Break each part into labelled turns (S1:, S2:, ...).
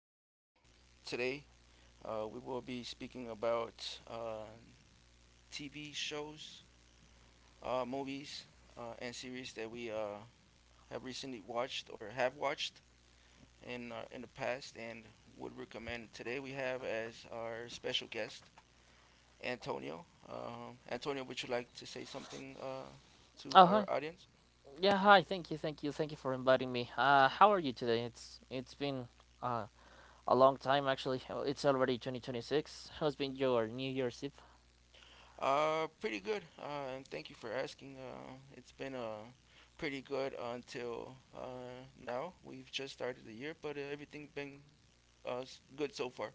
S1: Today, we will be speaking about TV shows, movies, and series that we have recently watched or have watched in in the past and would recommend. Today, we have as our special guest Antonio. Antonio, would you like to say something to
S2: Oh
S1: our
S2: hi,
S1: audience?
S2: yeah hi. Thank you, thank you, thank you for inviting me. How are you today? It's been uh, a long time actually. Oh, it's already 2026. How's been your New Year's Eve?
S1: Pretty good. And thank you for asking. It's been pretty good until now. We've just started the year, but everything been good so far.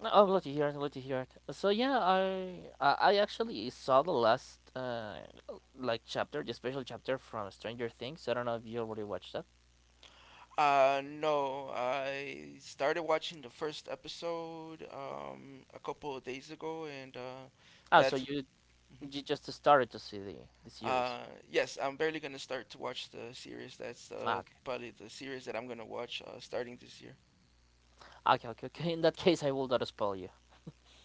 S2: No, I'm glad to hear it. Glad to hear it. So yeah, I actually saw the last like chapter, the special chapter from Stranger Things. I don't know if you already watched that.
S1: No, I started watching the first episode a couple of days ago, and
S2: Ah, so
S1: that's
S2: you you just started to see the series.
S1: yes, I'm barely gonna start to watch the series. That's
S2: Ah, okay.
S1: probably the series that I'm gonna watch starting this year.
S2: Okay, okay, okay. In that case, I will not spoil you.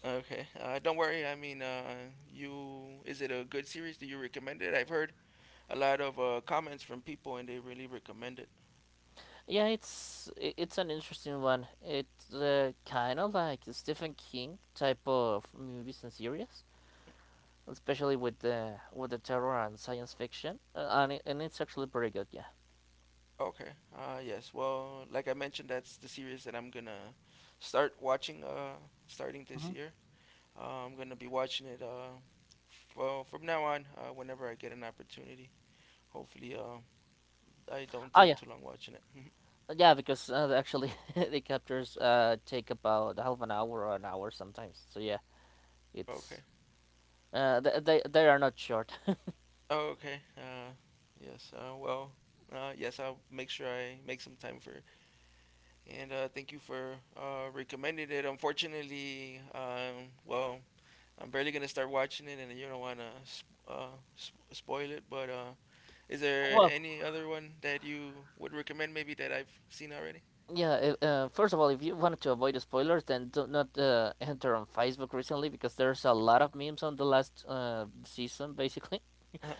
S1: Okay. Don't worry. I mean, you is it a good series? Do you recommend it? I've heard a lot of comments from people, and they really recommend it.
S2: Yeah, it's an interesting one. It's kind of like Stephen King type of movies and series, especially with the terror and science fiction, and it's actually pretty good. Yeah.
S1: Okay. Yes. Well, like I mentioned, that's the series that I'm gonna start watching. Starting this
S2: hmm
S1: year, I'm gonna be watching it. Well, from now on, whenever I get an opportunity. Hopefully, I don't
S2: Oh
S1: take
S2: yeah,
S1: too long watching it.
S2: yeah, because actually the captures take about half an hour or an hour sometimes. So yeah, it's
S1: Okay.
S2: they are not short.
S1: Okay. Yes. Well. Yes. I'll make sure I make some time for and thank you for recommending it. Unfortunately, well, I'm barely gonna start watching it, and you don't wanna spoil it. But is there
S2: Well.
S1: any other one that you would recommend, maybe that I've seen already?
S2: Yeah, first of all, if you wanted to avoid the spoilers, then do not enter on Facebook recently because there's a lot of memes on the last season, basically.
S1: uh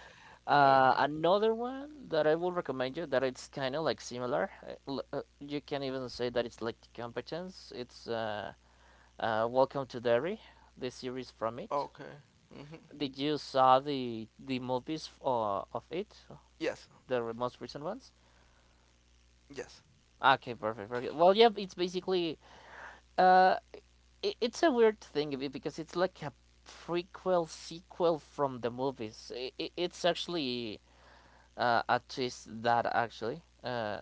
S1: Okay.
S2: Another one that I will recommend you that it's kind of like similar. You can even say that it's like the competence. It's Welcome to Derry, the series from it.
S1: Okay. hmm
S2: Did you saw the movies of it,
S1: Yes.
S2: the most recent ones?
S1: Yes.
S2: Okay, perfect, perfect. Well, yeah, it's basically uh, it's a weird thing because it's like a prequel sequel from the movies. I It's actually a twist that actually uh,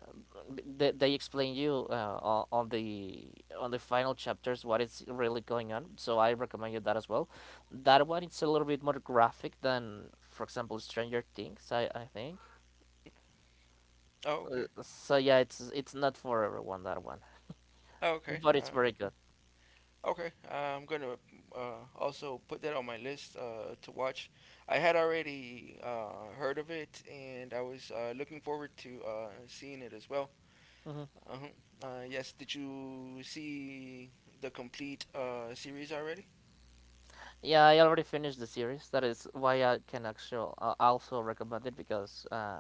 S2: b- they, they explain you on the final chapters what is really going on. So I recommend you that as well. That one it's a little bit more graphic than, for example, Stranger Things. I think.
S1: Oh, okay.
S2: So yeah, it's not for everyone that one,
S1: Oh, okay.
S2: but it's very good.
S1: Okay, I'm gonna also put that on my list to watch. I had already heard of it, and I was looking forward to seeing it as well.
S2: Mm-hmm.
S1: Uh-huh. Yes, did you see the complete series already?
S2: Yeah, I already finished the series. That is why I can actually also recommend it because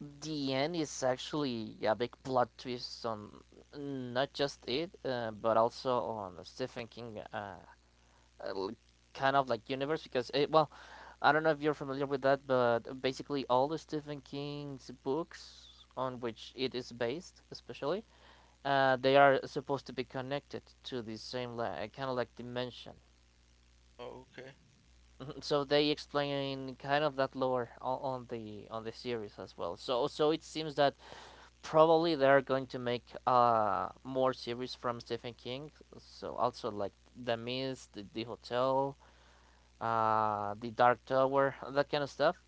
S2: the end is actually a big plot twist on not just it, but also on Stephen King kind of like universe. Well, I don't know if you're familiar with that, but basically all the Stephen King's books on which it is based, especially, they are supposed to be connected to the same like, kind of like dimension.
S1: Okay.
S2: So they explain kind of that lore on, on the series as well. So so it seems that probably they are going to make more series from Stephen King. So also like The Mist, the Hotel, the Dark Tower, that kind of stuff.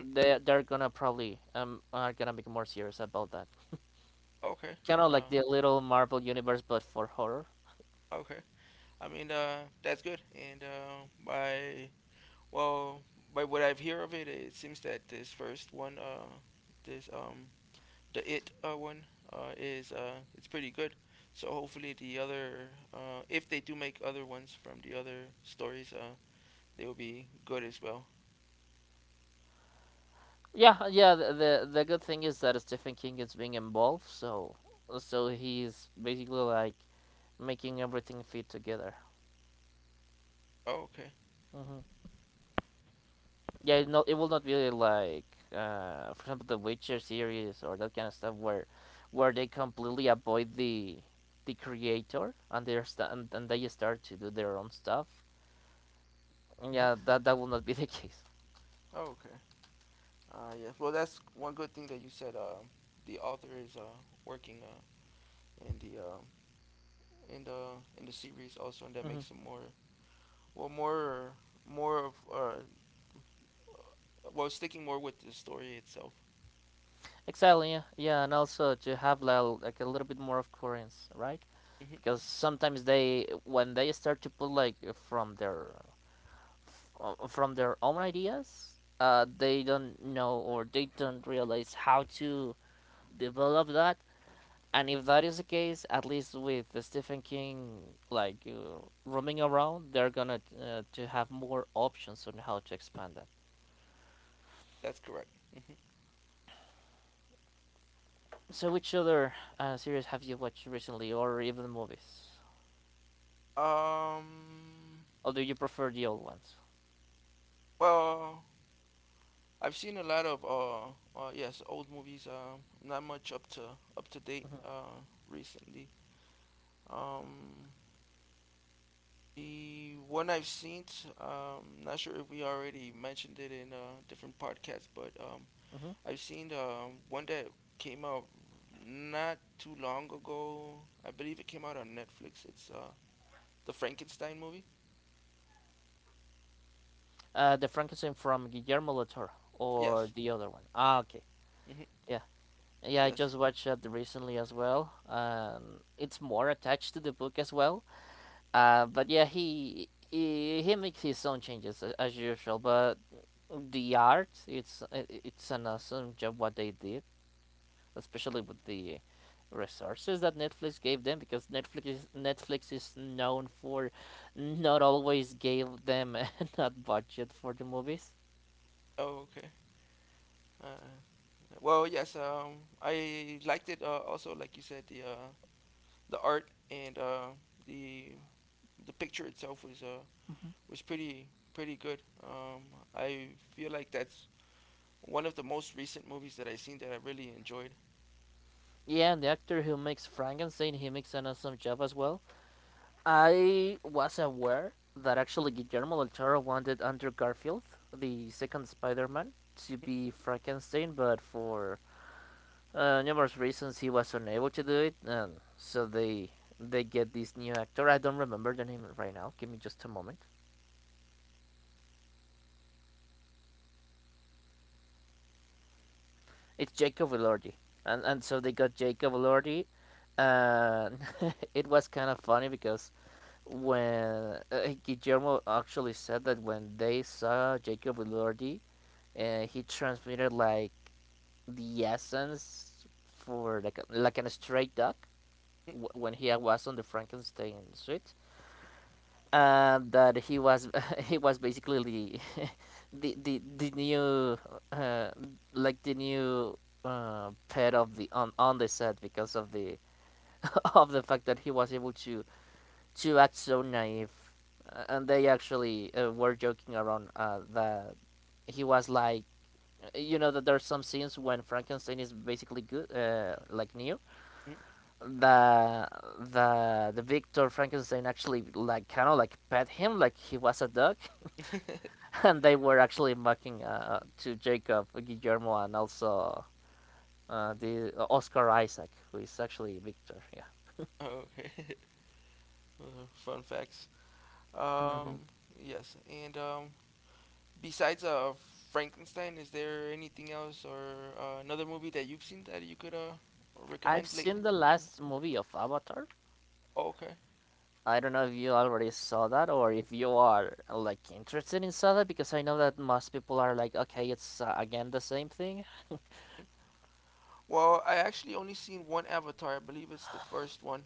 S1: Mm.
S2: They're gonna probably are gonna make more series about that.
S1: Okay.
S2: Kind of like
S1: Uh,
S2: the little Marvel universe, but for horror.
S1: okay. I mean, that's good. And well, by what I've hear of it, it seems that this first one, this the it one is it's pretty good. So hopefully the other, if they do make other ones from the other stories, they will be good as well.
S2: Yeah, yeah. The good thing is that Stephen King is being involved, so so he's basically like making everything fit together.
S1: Oh, okay.
S2: Hmm Yeah, it will not be like for example the Witcher series or that kind of stuff where they completely avoid the creator and and they start to do their own stuff.
S1: Mhm.
S2: Yeah, that will not be the case.
S1: Oh, okay. Yeah. Well, that's one good thing that you said. The author is working in the um in the series also, and that
S2: Hmm
S1: makes it more well more more of well sticking more with the story itself.
S2: Exactly. Yeah, yeah, and also to have like a little bit more of coherence, right?
S1: Hmm
S2: Because sometimes they when they start to put like from their own ideas they don't know or they don't realize how to develop that. And if that is the case, at least with the Stephen King like roaming around, they're gonna to have more options on how to expand that.
S1: That's correct. hmm
S2: So which other series have you watched recently, or even movies,
S1: Um.
S2: or do you prefer the old ones?
S1: Well, I've seen a lot of yes old movies. Not much up to date recently. Um, the one I've seen, not sure if we already mentioned it in different podcasts, but
S2: Hmm
S1: I've seen one that came out not too long ago. I believe it came out on Netflix. It's the Frankenstein movie.
S2: The Frankenstein from Guillermo del Toro, or
S1: Yes.
S2: the other one. Ah, okay.
S1: hmm
S2: Yeah. Yeah, I
S1: Yes.
S2: just watched that recently as well. It's more attached to the book as well. But yeah, he makes his own changes as usual. But the art, it's an awesome job what they did, especially with the resources that Netflix gave them, because Netflix is known for not always gave them enough budget for the movies.
S1: Oh, okay. Uh, yes. I liked it. Also, like you said, the art and the the picture itself was pretty good. I feel like that's one of the most recent movies that I've seen that I really enjoyed.
S2: Yeah, and the actor who makes Frankenstein, he makes an awesome job as well. I was aware that actually Guillermo del Toro wanted Andrew Garfield, the second Spider-Man, to be Frankenstein, but for numerous reasons he was unable to do it, and so they get this new actor. I don't remember the name right now. Give me just a moment. It's Jacob Elordi, and so they got Jacob Elordi. And it was kind of funny because Guillermo actually said that when they saw Jacob Elordi, he transmitted like the essence for like an stray dog when he was on the Frankenstein suite, and that he was he was basically the the new uh, like the new pet of the on the set because of the of the fact that he was able to act so naive. And they actually were joking around that he was like, you know, that there's some scenes when Frankenstein is basically good, like new. The the the Victor Frankenstein actually like kind of like pet him like he was a dog, and they were actually mocking to Jacob, Guillermo, and also the Oscar Isaac, who is actually Victor. Yeah.
S1: okay, uh, fun facts.
S2: Mhm.
S1: Um, yes, and besides Frankenstein, is there anything else or another movie that you've seen that you could
S2: I've
S1: recommend lately?
S2: seen the last movie of Avatar.
S1: Okay.
S2: I don't know if you already saw that, or if you are like interested in saw that, because I know that most people are like, okay, it's again the same thing.
S1: Well, I actually only seen one Avatar. I believe it's the first one.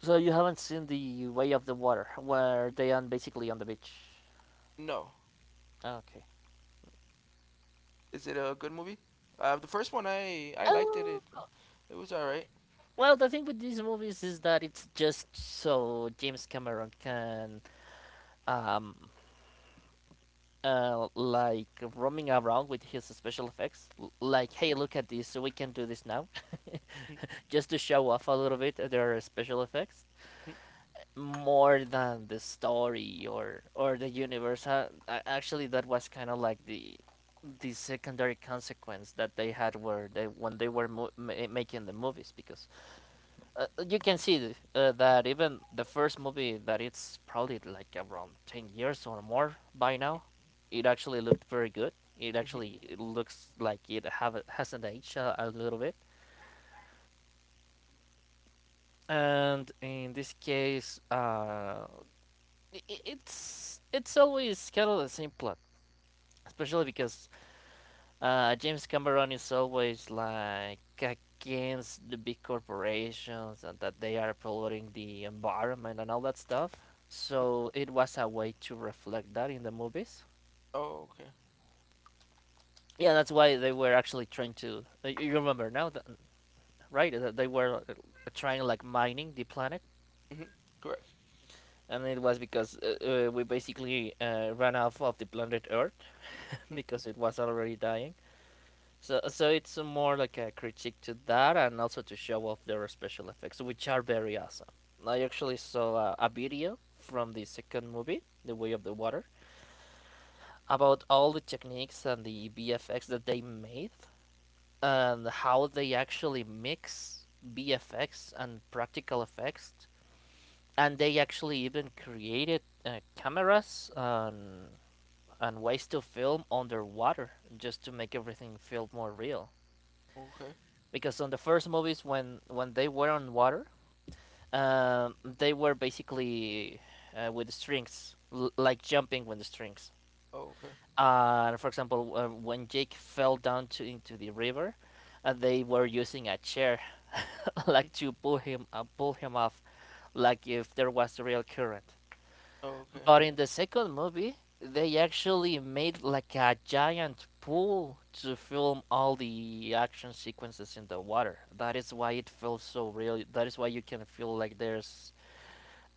S2: So you haven't seen the Way of the Water where they are basically on the beach.
S1: No.
S2: Ah, okay.
S1: Is it a good movie? The first one I liked
S2: Oh,
S1: it was all right.
S2: well, the thing with these movies is that it's just so James Cameron can, um, like roaming around with his special effects, like, hey, look at this, we can do this now, just to show off a little bit their special effects. More than the story, or the universe. Actually, that was kind of like the secondary consequence that they had were they when they were making the movies because you can see that even the first movie that it's probably like around 10 years or more by now, it actually looked very good. It actually it looks like it have hasn't aged a little bit. And in this case, it's always kind of the same plot, especially because James Cameron is always like against the big corporations and that they are polluting the environment and all that stuff. So it was a way to reflect that in the movies.
S1: Oh okay.
S2: Yeah, that's why they were actually trying to. You remember now, that, right? That they were trying like mining the planet,
S1: Mhm. Correct.
S2: and it was because we basically ran off of the planet Earth
S1: Mm.
S2: because it was already dying. So, so it's more like a critique to that, and also to show off their special effects, which are very awesome. I actually saw a video from the second movie, The Way of the Water, about all the techniques and the BFX that they made, and how they actually mix BFX and practical effects, and they actually even created cameras and ways to film underwater just to make everything feel more real.
S1: Okay.
S2: Because on the first movies when they were on water, they were basically with the strings, like jumping with the strings.
S1: Oh, okay.
S2: For example, when Jake fell down into the river, they were using a chair
S1: Mm,
S2: like to pull him, pull him off like if there was a real current.
S1: oh, okay.
S2: But in the second movie, they actually made like a giant pool to film all the action sequences in the water. That is why it feels so real. That is why you can feel like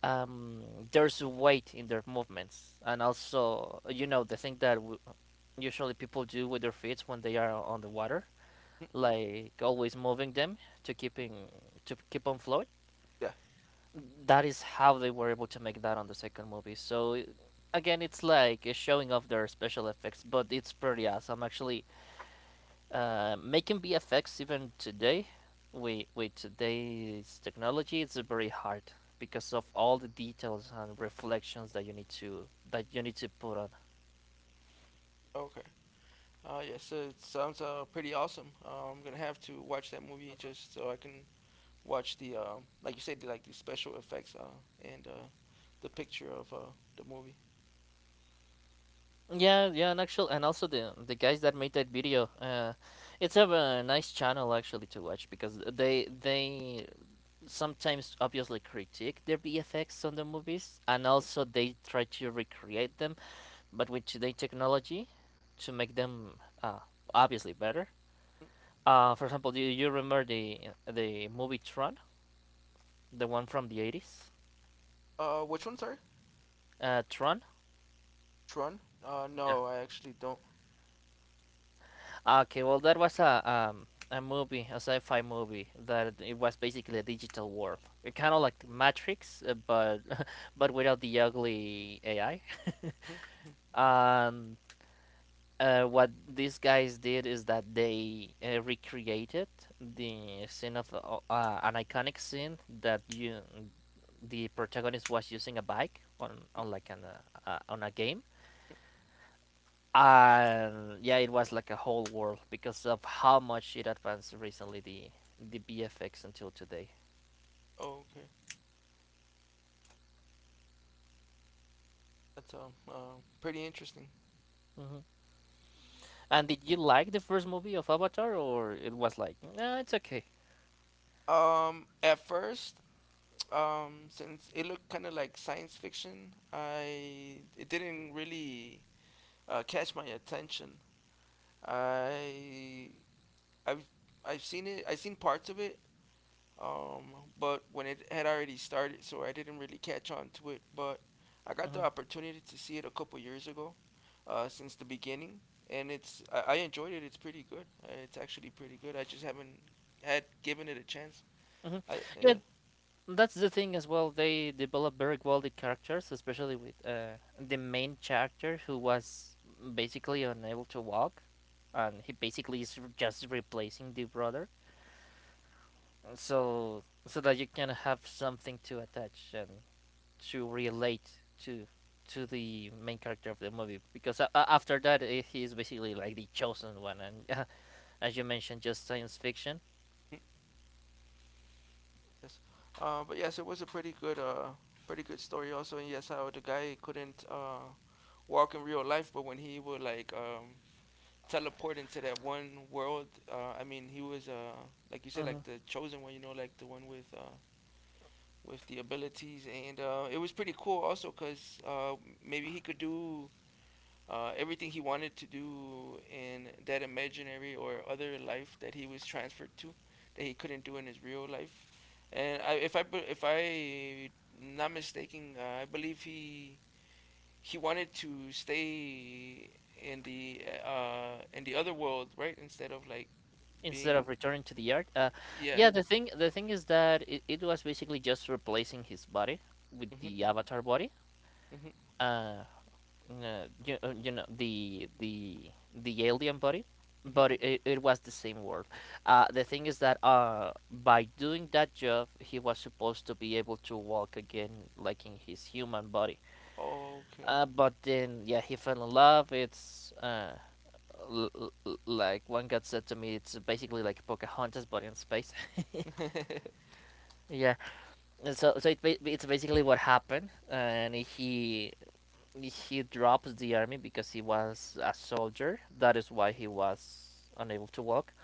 S2: um there's weight in their movements, and also you know the thing that usually people do with their feet when they are on the water,
S1: Mm.
S2: like always moving them to keep on float.
S1: Yeah.
S2: That is how they were able to make that on the second movie. So again, it's like it's showing off their special effects, but it's pretty awesome. Actually, making VFX even today, with today's technology, it's very hard because of all the details and reflections that you need to put on.
S1: Okay. Yeah. So it sounds pretty awesome. I'm gonna have to watch that movie just so I can watch the like you said like the special effects and the picture of the movie.
S2: Yeah, yeah, and actually, and also the guys that made that video, it's a, nice channel actually to watch because they sometimes obviously critique their VFX on the movies, and
S1: Mm,
S2: also they try to recreate them, but with today technology to make them obviously better.
S1: mm.
S2: For example, do you remember the movie Tron, the one from the 80s?
S1: Uh, which one sorry?
S2: Tron.
S1: Tron? Uh,
S2: Yeah.
S1: no I actually don't.
S2: Okay, well that was a movie, a sci-fi movie that it was basically a digital world, kind of like Matrix, but but without the ugly AI.
S1: Mm, mm,
S2: Um, what these guys did is that they recreated the scene of an iconic scene that you the protagonist was using a bike on
S1: mm,
S2: like an on a game,
S1: mm.
S2: and yeah, it was like a whole world because of how much it advanced recently the BFX until today.
S1: Okay. That's pretty interesting.
S2: Hmm, and did you like the first movie of Avatar, or it was like, nah, it's okay?
S1: At first, since it looked kind of like science fiction, I it didn't really catch my attention. I I've I've seen it. I've seen parts of it. But when it had already started, so I didn't really catch on to it. But I got the
S2: Hmm.
S1: opportunity to see it a couple years ago, since the beginning, and I enjoyed it. It's pretty good. It's actually pretty good. I just haven't had given it a chance.
S2: Hmm.
S1: I yeah,
S2: Yeah. So that's the thing as well. They develop very quality characters, especially with the main character who was basically unable to walk, and he basically just replacing the brother, so that you can have something to attach and to relate to the main character of the movie. Because after that, he is basically like the chosen one, and as you mentioned, just science fiction.
S1: mm, yes. But yes, it was a pretty good story also. And yes, how the guy couldn't walk in real life, but when he would like teleport into that one world, I mean he was like you said like the chosen one, you know, like the one with with the abilities and it was pretty cool also cause uh maybe he could do everything he wanted to do in that imaginary or other life that he was transferred to that he couldn't do in his real life. And I, if I if I not mistaken, I believe he wanted to stay in the other world, right? Instead of like
S2: Instead
S1: being
S2: of returning to the yard.
S1: yeah.
S2: Yeah, the thing is that it was basically just replacing his body with
S1: Mhm.
S2: the avatar body.
S1: Mhm.
S2: Uh, you, you know the alien body,
S1: Mhm.
S2: but it was the same world. The thing is that by doing that job, he was supposed to be able to walk again, like in his human body.
S1: Okay.
S2: But then yeah, he fell in love. L- l- Like one guy said to me, it's basically like Pocahontas, but in space. Yeah. And so it's basically what happened, and he drops the army because he was a soldier. That is why he was unable to walk.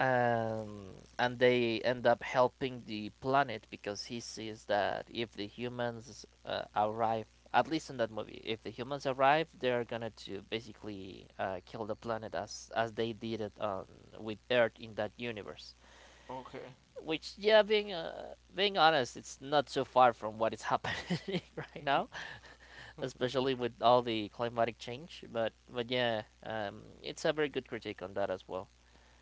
S2: And they end up helping the planet because he sees that if the humans arrive, at least in that movie, if the humans arrive, they're gonna to basically kill the planet as they did it on with Earth in that universe,
S1: Okay.
S2: which, yeah, being honest, it's not so far from what is happening right
S1: Mhm.
S2: now, especially with all the climatic change. But yeah, it's a very good critique on that as well.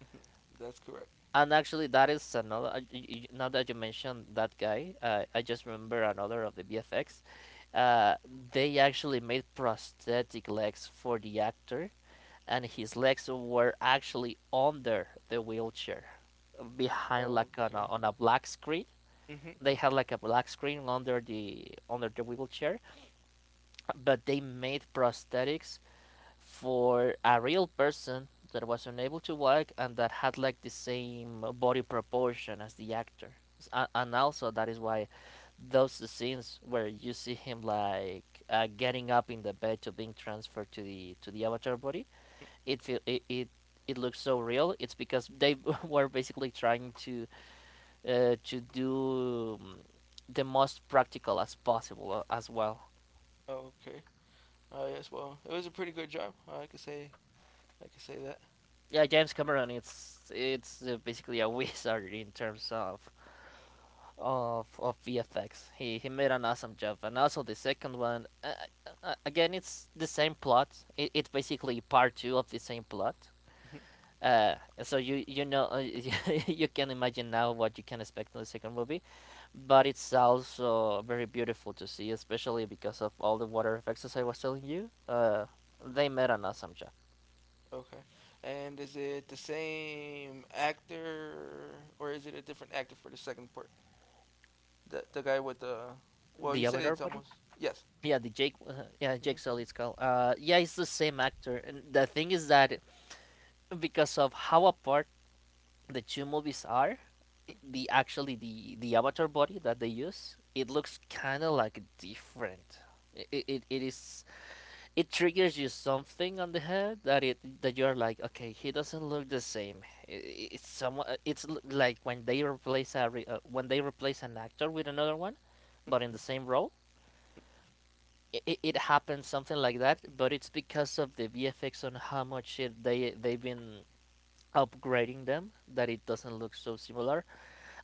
S1: Mhm. That's correct.
S2: And actually, that is another. Now that you mentioned that guy, I just remember another of the BFX. Uh, they actually made prosthetic legs for the actor, and his legs were actually under the wheelchair, behind like on
S1: Okay.
S2: on a black screen.
S1: Mhm.
S2: They had like a black screen under the wheelchair, but they made prosthetics for a real person that was unable to walk and that had like the same body proportion as the actor. And also that is why those scenes where you see him like getting up in the bed to being transferred to the avatar body,
S1: Mhm.
S2: it feel it, it it looks so real. It's because they were basically trying to do the most practical as possible as well.
S1: Okay. Yes, well, it was a pretty good job. I could say that.
S2: Yeah, James Cameron, it's basically a wizard in terms of of VFX. He made an awesome job, and also the second one. Again, it's the same plot. It's basically part two of the same plot. Uh, so you know, you can imagine now what you can expect in the second movie, but it's also very beautiful to see, especially because of all the water effects as I was telling you. They met on Asamja.
S1: okay. And is it the same actor, or is it a different actor for the second part? The guy with the well, you
S2: The
S1: said
S2: avatar
S1: it's
S2: body?
S1: almost yes.
S2: Yeah, the Jake. Yeah, Jake Sully. It's called. Yeah, it's the same actor. And the thing is that because of how apart the two movies are, the actually the avatar body that they use, it looks kind of like different. It is it triggers you something on the head that it that you're like, okay, he doesn't look the same. It's someone it's like when they when they replace an actor with another one but in the same role. It happens something like that, but it's because of the VFX on how much they they've been upgrading them that it doesn't look so similar.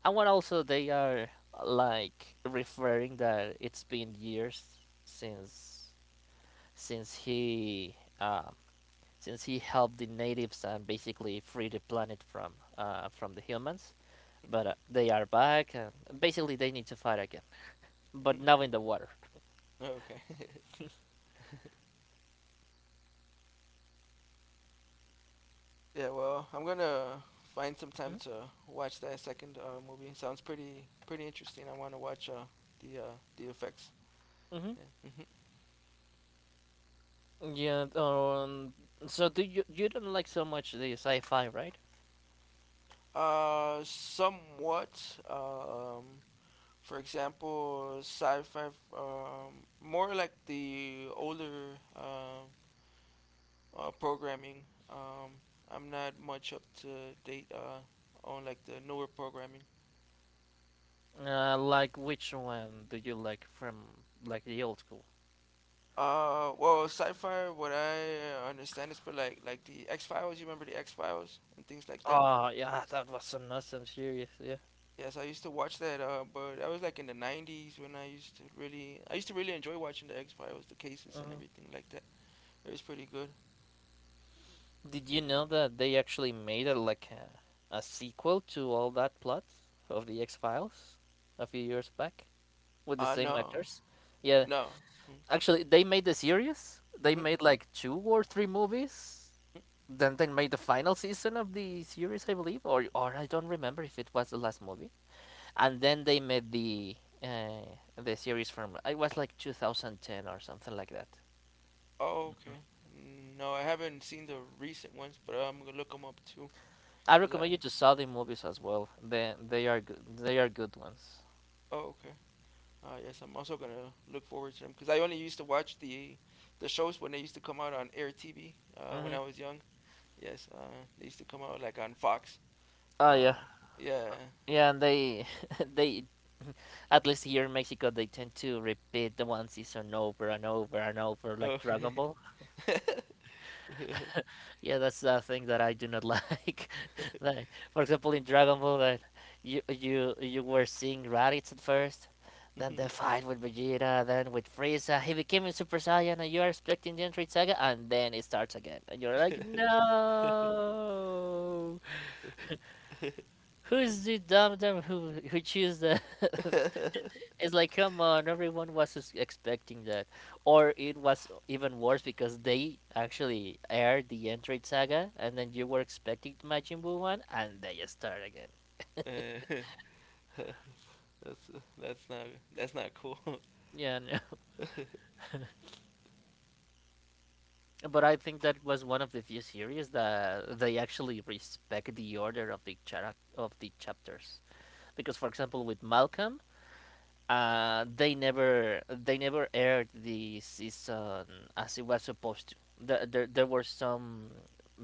S2: And when also they are like referring that it's been years since since he um, since he helped the natives and basically freed the planet from the humans. But they are back, and basically they need to fight again. But now in the water.
S1: okay. yeah. Well, I'm gonna find some time to watch that second movie. Sounds pretty interesting. I want to watch the effects.
S2: Mm-hmm.
S1: Yeah.
S2: Yeah. So do you don't like so much the sci-fi, right?
S1: Somewhat. For example, sci-fi, more like the older programming. Um, I'm not much up to date on like the newer programming.
S2: Like which one do you like from like the old school?
S1: Sci-fi. What I understand is for like the X Files. You remember the X Files and things like that.
S2: Oh yeah, that was an awesome series. Yeah.
S1: Yes, I used to watch that. But I was like in the '90s when I used to really enjoy watching the X Files, the cases and
S2: Hmm.
S1: everything like that. It was pretty good.
S2: Did you know that they actually made like a sequel to all that plot of the X Files a few years back with the same
S1: No,
S2: actors? Yeah,
S1: no. Mm-hmm.
S2: actually, they made the series. They
S1: Mm-hmm.
S2: made like two or three movies. Then they made the final season of the series, I believe, or I don't remember if it was the last movie. And then they made the series from it was like 2010 or something like that.
S1: Oh, okay. No, I haven't seen the recent ones, but I'm gonna look them up too.
S2: I
S1: Cause I.
S2: recommend you to saw the movies as well. They are good. They are good ones.
S1: Oh, okay. Yes, I'm also gonna look forward to them. Cause I only used to watch the shows when they used to come out on Air TV. When
S2: Hmm.
S1: I was young. Yes. They used to come out like on Fox.
S2: Oh yeah,
S1: Uh, yeah.
S2: yeah, and they they at least here in Mexico they tend to repeat the one season over and over and over like Dragon
S1: Okay.
S2: Ball.
S1: Yeah.
S2: Yeah, that's the thing that I do not like. Like for example in Dragon Ball that you were seeing Raditz at first, then
S1: Mhm.
S2: the fight with Vegeta, then with Frieza, he became a Super Saiyan and you are expecting the Entry Saga and then it starts again. And you're like, no. Who's the dumb dumb who choose the It's like, come on, everyone was expecting that. Or it was even worse because they actually aired the Entrate Saga, and then you were expecting Majin Buu one, and they start again.
S1: Eh, that's that's not that's not cool. oh,
S2: Yeah, no. But I think that was one of the few series that they actually respect the order of the of the chapters. Because, for example, with Malcolm, they never aired the season as it was supposed to. There were some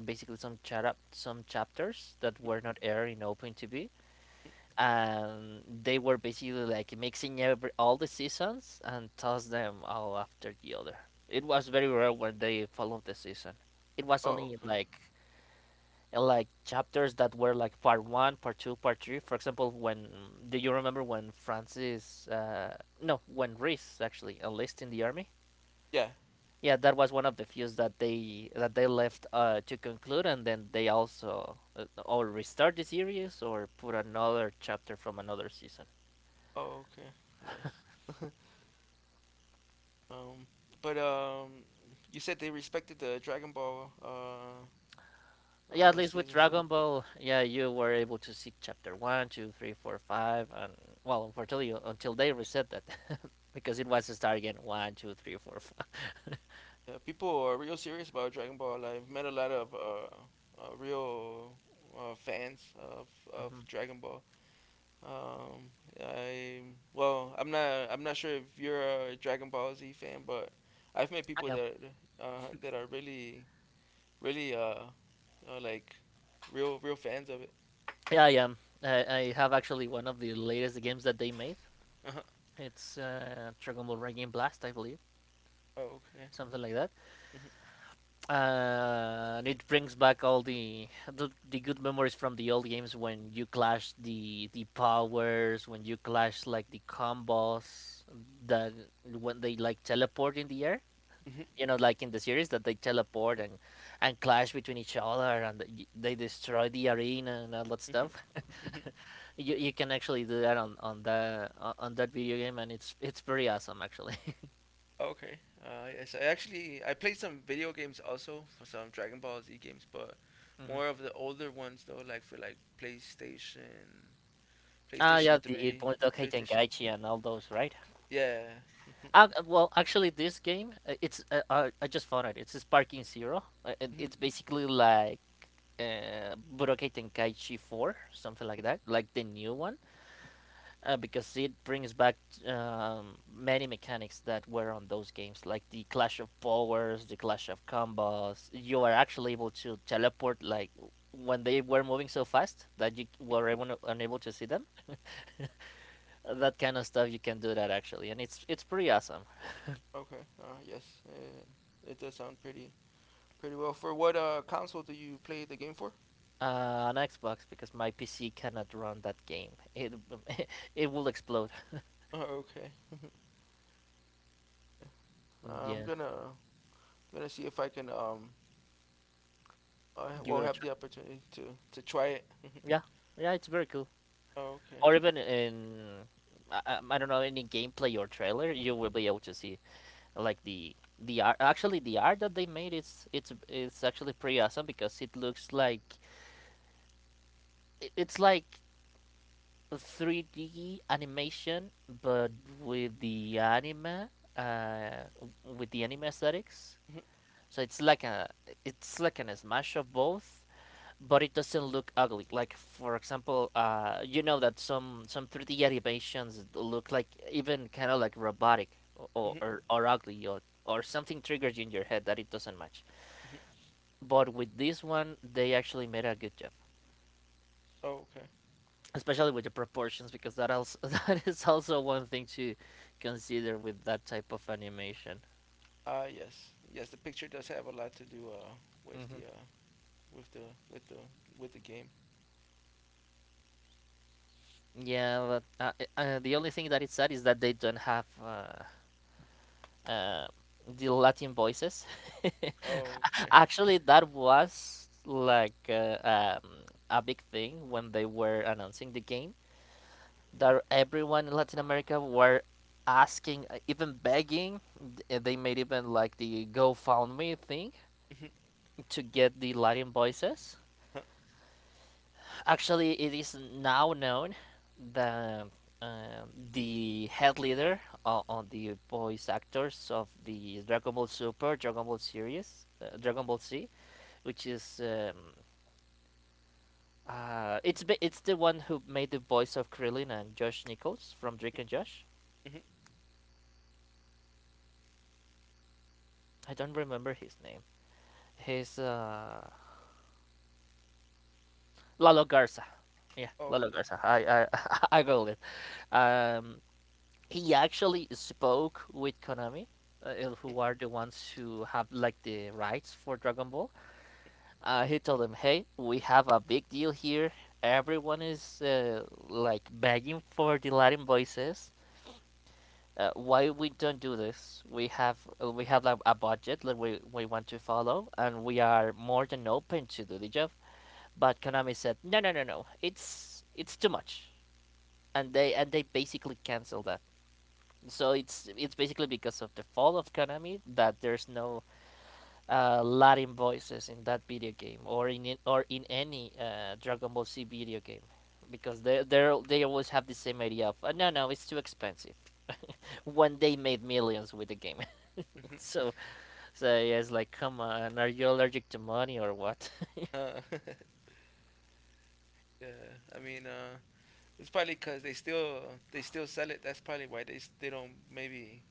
S2: basically some chapters that were not aired in Open TV, and they were basically like mixing every all the seasons and toss them all after the other. It was very rare when they followed the season. It was only
S1: okay.
S2: like chapters that were like part one, part two, part three. For example, when do you remember when Francis? No, when Reese actually enlisted in the army.
S1: Yeah,
S2: Yeah, that was one of the feuds that they left to conclude, and then they also or restart the series or put another chapter from another season.
S1: oh, okay. Yes. um, but you said they respected the Dragon Ball
S2: Yeah, at least with
S1: seasons. Yeah.
S2: Dragon Ball, yeah, you were able to see chapter one, two, three, four, five, and well, unfortunately, until they reset that, because it was Stargate one, two, three, four, five.
S1: Yeah, people are real serious about Dragon Ball. Like, I've met a lot of real fans of
S2: Hmm.
S1: Dragon Ball. Um, I well, I'm not sure if you're a Dragon Ball Z fan, but I've met
S2: I
S1: people
S2: am.
S1: that that are really uh like real fans of it.
S2: Yeah, I am. I have actually one of the latest games that they made. It's Dragon Ball Raging Blast, I believe,
S1: oh, okay.
S2: something like that.
S1: hmm
S2: And it brings back all the good memories from the old games when you clash the powers, when you clash like the combos that when they like teleport in the air.
S1: Mm-hmm.
S2: You know, like in the series that they teleport and clash between each other and they destroy the arena and all that
S1: Mm-hmm.
S2: stuff.
S1: Mm-hmm.
S2: You can actually do that on the on that video game and it's pretty awesome actually.
S1: Okay. Yes. I actually I played some video games also for some Dragon Ball Z games, but
S2: Mhm.
S1: more of the older ones though, like for PlayStation,
S2: Ah,
S1: PlayStation
S2: yeah, the
S1: Three or
S2: Budokai
S1: PlayStation Two.
S2: Tenkaichi and all those, right?
S1: Yeah.
S2: Well, actually, this game it's I just found it. It's Sparking Zero.
S1: Mhm.
S2: It's basically like Budokai Tenkaichi Four, something like
S1: Mhm.
S2: that, like the new one. Because it brings back many mechanics that were on those games, like the clash of powers, the clash of combos. You are actually able to teleport, like when they were moving so fast that you
S1: Mhm.
S2: were able, unable to see them. That kind of stuff you can do that actually, and it's pretty awesome.
S1: Okay. Yes. It does sound pretty well. For what console do you play the game for?
S2: On Xbox because my PC cannot run that game. It it will explode.
S1: Okay. I'm
S2: Yeah,
S1: gonna Gonna see if I can I
S2: give
S1: will
S2: it a
S1: have
S2: try.
S1: the opportunity to try it.
S2: Yeah, yeah, it's very cool.
S1: Okay.
S2: Or even in I don't know any gameplay or trailer, you will be able to see like the art. Actually, the art that they made is it's actually pretty awesome because it looks like it's like a 3D animation, but with the anime, uh, w- with the anime aesthetics. So it's like a it's like an smash of both. But it doesn't look ugly. Like for example, you know that some 3D animations look like even kind of like robotic or, or ugly or something triggers you in your head that it doesn't match.
S1: Mhm.
S2: But with this one, they actually made a good job,
S1: Oh, okay.
S2: especially with the proportions because that also that is also one thing to consider with that type of animation.
S1: Yes, yes. The picture does have a lot to do with
S2: Hmm
S1: the uh with the with the with the game.
S2: Yeah, but the only thing that is sad is that they don't have uh, the Latin voices.
S1: Oh, okay.
S2: Actually, that was like a big thing when they were announcing the game. That everyone in Latin America were asking, even begging. They made even like the GoFundMe thing
S1: Mhm.
S2: to get the Latin voices.
S1: Huh.
S2: Actually, it is now known that the head leader on the voice actors of the Dragon Ball Super, Dragon Ball series, Dragon Ball Z, which is it's the one who made the voice of Krillin and Josh Nichols from Drake and Josh.
S1: Mhm.
S2: I don't remember his name. He's Lalo Garza. Yeah,
S1: Oh,
S2: Lalo
S1: okay.
S2: Garza. I I googled it. Um, he actually spoke with Konami, who are the ones who have like the rights for Dragon Ball. He told them, "Hey, we have a big deal here. Everyone is like begging for the Latin voices. Why we don't do this? We have like a budget that we want to follow, and we are more than open to do the job." But Konami said, "No, no, no, no. It's too much." And they basically canceled that. So it's basically because of the fall of Konami that there's no Latin voices in that video game or in any Dragon Ball Z video game because they always have the same idea of no no it's too expensive when they made millions with the game.
S1: Mm, mhm.
S2: so so yeah, it's like come on, are you allergic to money or what?
S1: Uh, yeah. I mean, it's probably 'cause they still sell it. That's probably why they they don't maybe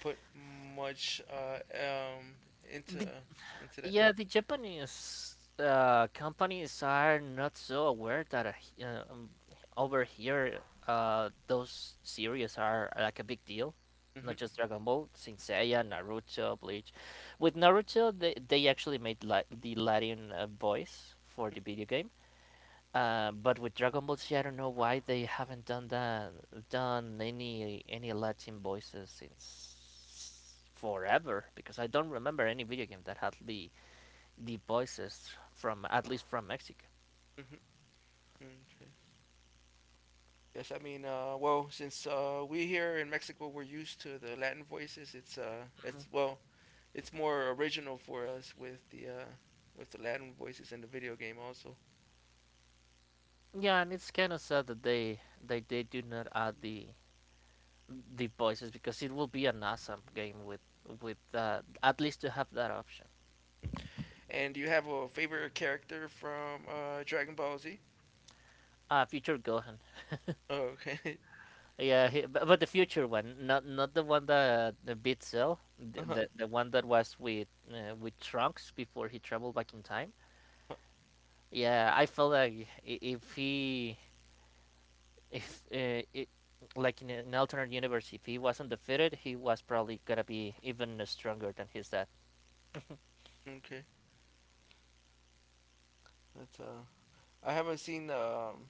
S1: put much into that.
S2: Yeah, the Japanese companies are not so aware that over here those series are like a big deal. Not
S1: Hmm
S2: just Dragon Ball, Saint Seiya, Naruto, Bleach. With Naruto, they actually made the Latin voice for the video game. But with Dragon Ball Z, I don't know why they haven't done that, done any Latin voices since forever. Because I don't remember any video game that had the voices from at least from Mexico.
S1: hmm Okay. Yes, I mean, well, since we here in Mexico, we're used to the Latin voices.
S2: Mhm.
S1: It's well, it's more original for us with the Latin voices in the video game also.
S2: Yeah, and it's kind of sad that they do not add the voices because it will be an awesome game with at least to have that option.
S1: And do you have a favorite character from Dragon Ball Z?
S2: Ah, future Gohan.
S1: Oh, okay.
S2: Yeah, he, but the future one, not the one that beat Cell, the,
S1: uh-huh.
S2: the the one that was with Trunks before he traveled back in time. Yeah, I felt like if he if like in an alternate universe, if he wasn't defeated, he was probably gonna be even stronger than his dad.
S1: Okay. That's I haven't seen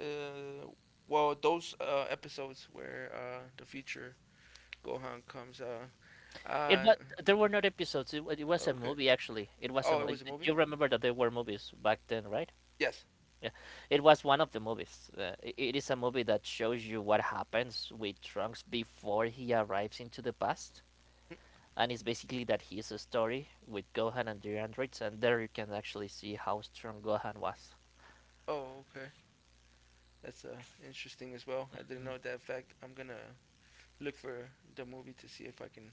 S1: uh, well, those episodes where the future Gohan comes
S2: It
S1: uh,
S2: was there were not episodes. It was a
S1: okay.
S2: movie actually. It was a
S1: Oh, it was a movie.
S2: you remember that there were movies back then, right?
S1: Yes. Mm.
S2: Yeah, it was one of the movies. It is a movie that shows you what happens with Trunks before he arrives into the past, and it's basically that his story with Gohan and the androids, and there you can actually see how strong Gohan was.
S1: Oh, okay. That's interesting as well. I didn't know that fact. I'm gonna look for the movie to see if I can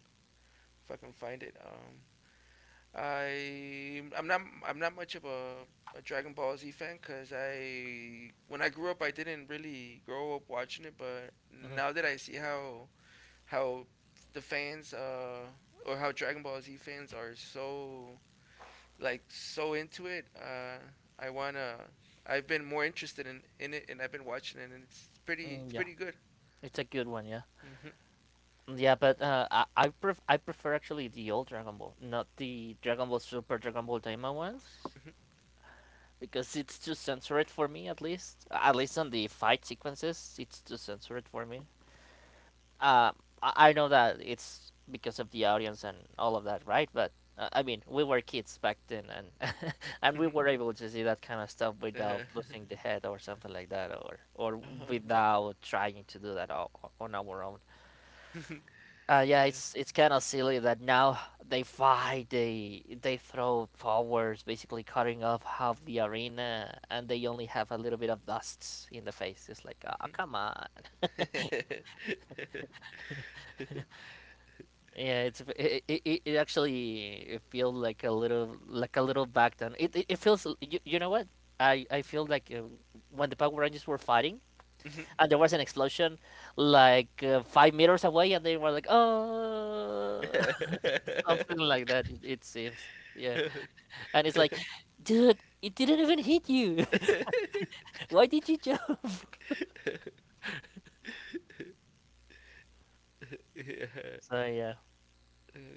S1: find it. I'm not much of a Dragon Ball Z fan because I when I grew up I didn't really grow up watching it, but now
S2: Hmm
S1: that I see how the fans or how Dragon Ball Z fans are so like so into it. I wanna. I've been more interested in it, and I've been watching it, and It's
S2: Mm, yeah,
S1: pretty good.
S2: it's a good one. Yeah.
S1: Mm-hmm.
S2: Yeah, but
S1: Uh,
S2: uh, I I, pref- I prefer actually the old Dragon Ball, not the Dragon Ball Super, Dragon Ball Daima ones, because it's too censored for me. At least on the fight sequences, it's too censored for me. Uh, I know that it's because of the audience and all of that, right? But I mean, we were kids back then, and and we
S1: mhm.
S2: were able to see that kind of stuff without
S1: Uh,
S2: losing the head or something like that, or
S1: uh-huh.
S2: without trying to do that on our own. Yeah,
S1: yeah.
S2: it's kind of silly that now they fight, they throw powers, basically cutting off half the arena, and they only have a little bit of dust in the face. It's like, ah, come on. Yeah, it actually it feels like a little back down. It feels, you know what? I feel like when the Power Rangers were fighting
S1: yeah.
S2: and there was an explosion like 5 meters away, and they were like, oh, something like that. It seems, yeah. And it's like, dude, it didn't even hit you. Why did you jump? So yeah,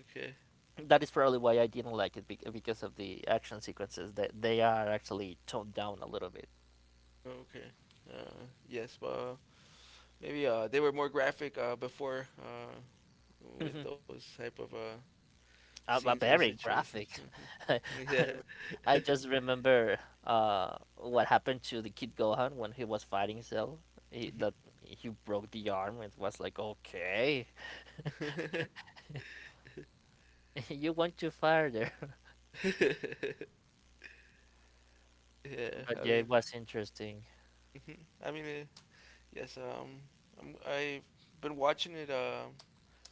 S1: Okay.
S2: that is probably why I didn't like it because of the action sequences that they are actually toned down a little bit.
S1: Okay. Yes, but maybe they were more graphic before, with
S2: Mhm.
S1: those type of scenes
S2: But
S1: or
S2: very
S1: situations.
S2: graphic. I,
S1: Yeah.
S2: I just remember what happened to the kid Gohan when he was fighting Cell. He, that he broke the arm. It was like, okay, you went too far there.
S1: Yeah,
S2: But yeah, it was interesting.
S1: I mean, yes. I've been watching it.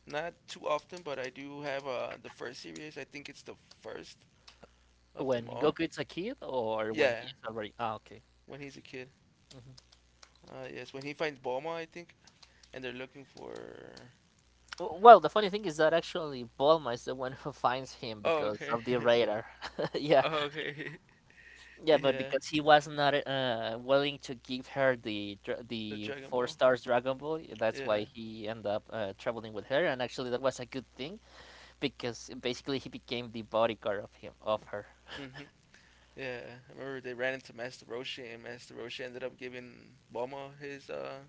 S1: Not too often, but I do have the first series. I think it's the first of them
S2: When
S1: all.
S2: Goku is a kid, or when he
S1: Yeah,
S2: is already ah okay.
S1: when he's a kid.
S2: Mhm.
S1: Yes, when he finds Bulma, I think, and they're looking for.
S2: Well, the funny thing is that actually Bulma is the one who finds him
S1: Oh,
S2: because
S1: okay.
S2: of the radar. Yeah,
S1: Oh, okay.
S2: yeah, but
S1: Yeah,
S2: because he was not willing to give her the
S1: the
S2: the
S1: Dragon
S2: four
S1: Ball.
S2: stars Dragon Ball, that's why
S1: Yeah.
S2: he ended up traveling with her. And actually, that was a good thing because basically he became the bodyguard of him of her.
S1: Hmm. Yeah, I remember they ran into Master Roshi, and Master Roshi ended up giving Bulma his.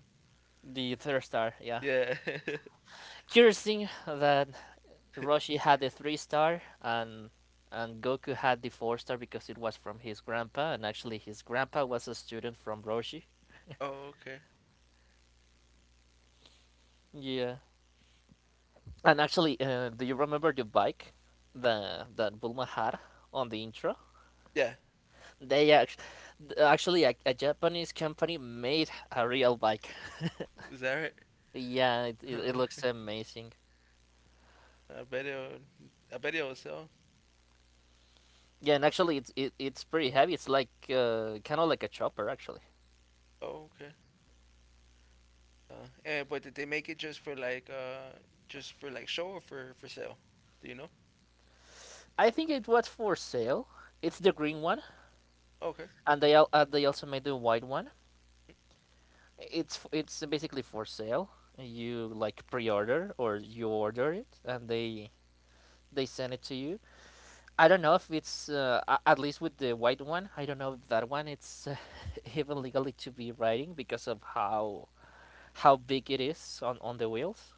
S2: The third star, yeah.
S1: Yeah.
S2: Curious thing that Roshi had the three star and Goku had the four-star because it was from his grandpa and actually his grandpa was a student from Roshi.
S1: Oh, okay.
S2: Yeah. And actually, do you remember the bike the that Bulma had on the intro?
S1: Yeah,
S2: They actually, actually a Japanese company made a real bike.
S1: is that right?
S2: Yeah, it
S1: Okay.
S2: looks amazing.
S1: I bet it was sell.
S2: Yeah, and actually, it's pretty heavy. It's like kind of like a chopper, actually.
S1: Oh, okay. But did they make it just for like show or for sale? Do you know?
S2: I think it was for sale. It's the green one.
S1: Mm-hmm. Okay.
S2: And they also made the white one. It's basically for sale. You like pre-order or you order it, and they send it to you. I don't know if it's at least with the white one. I don't know if that one it's even legally to be riding because of how big it is on the wheels.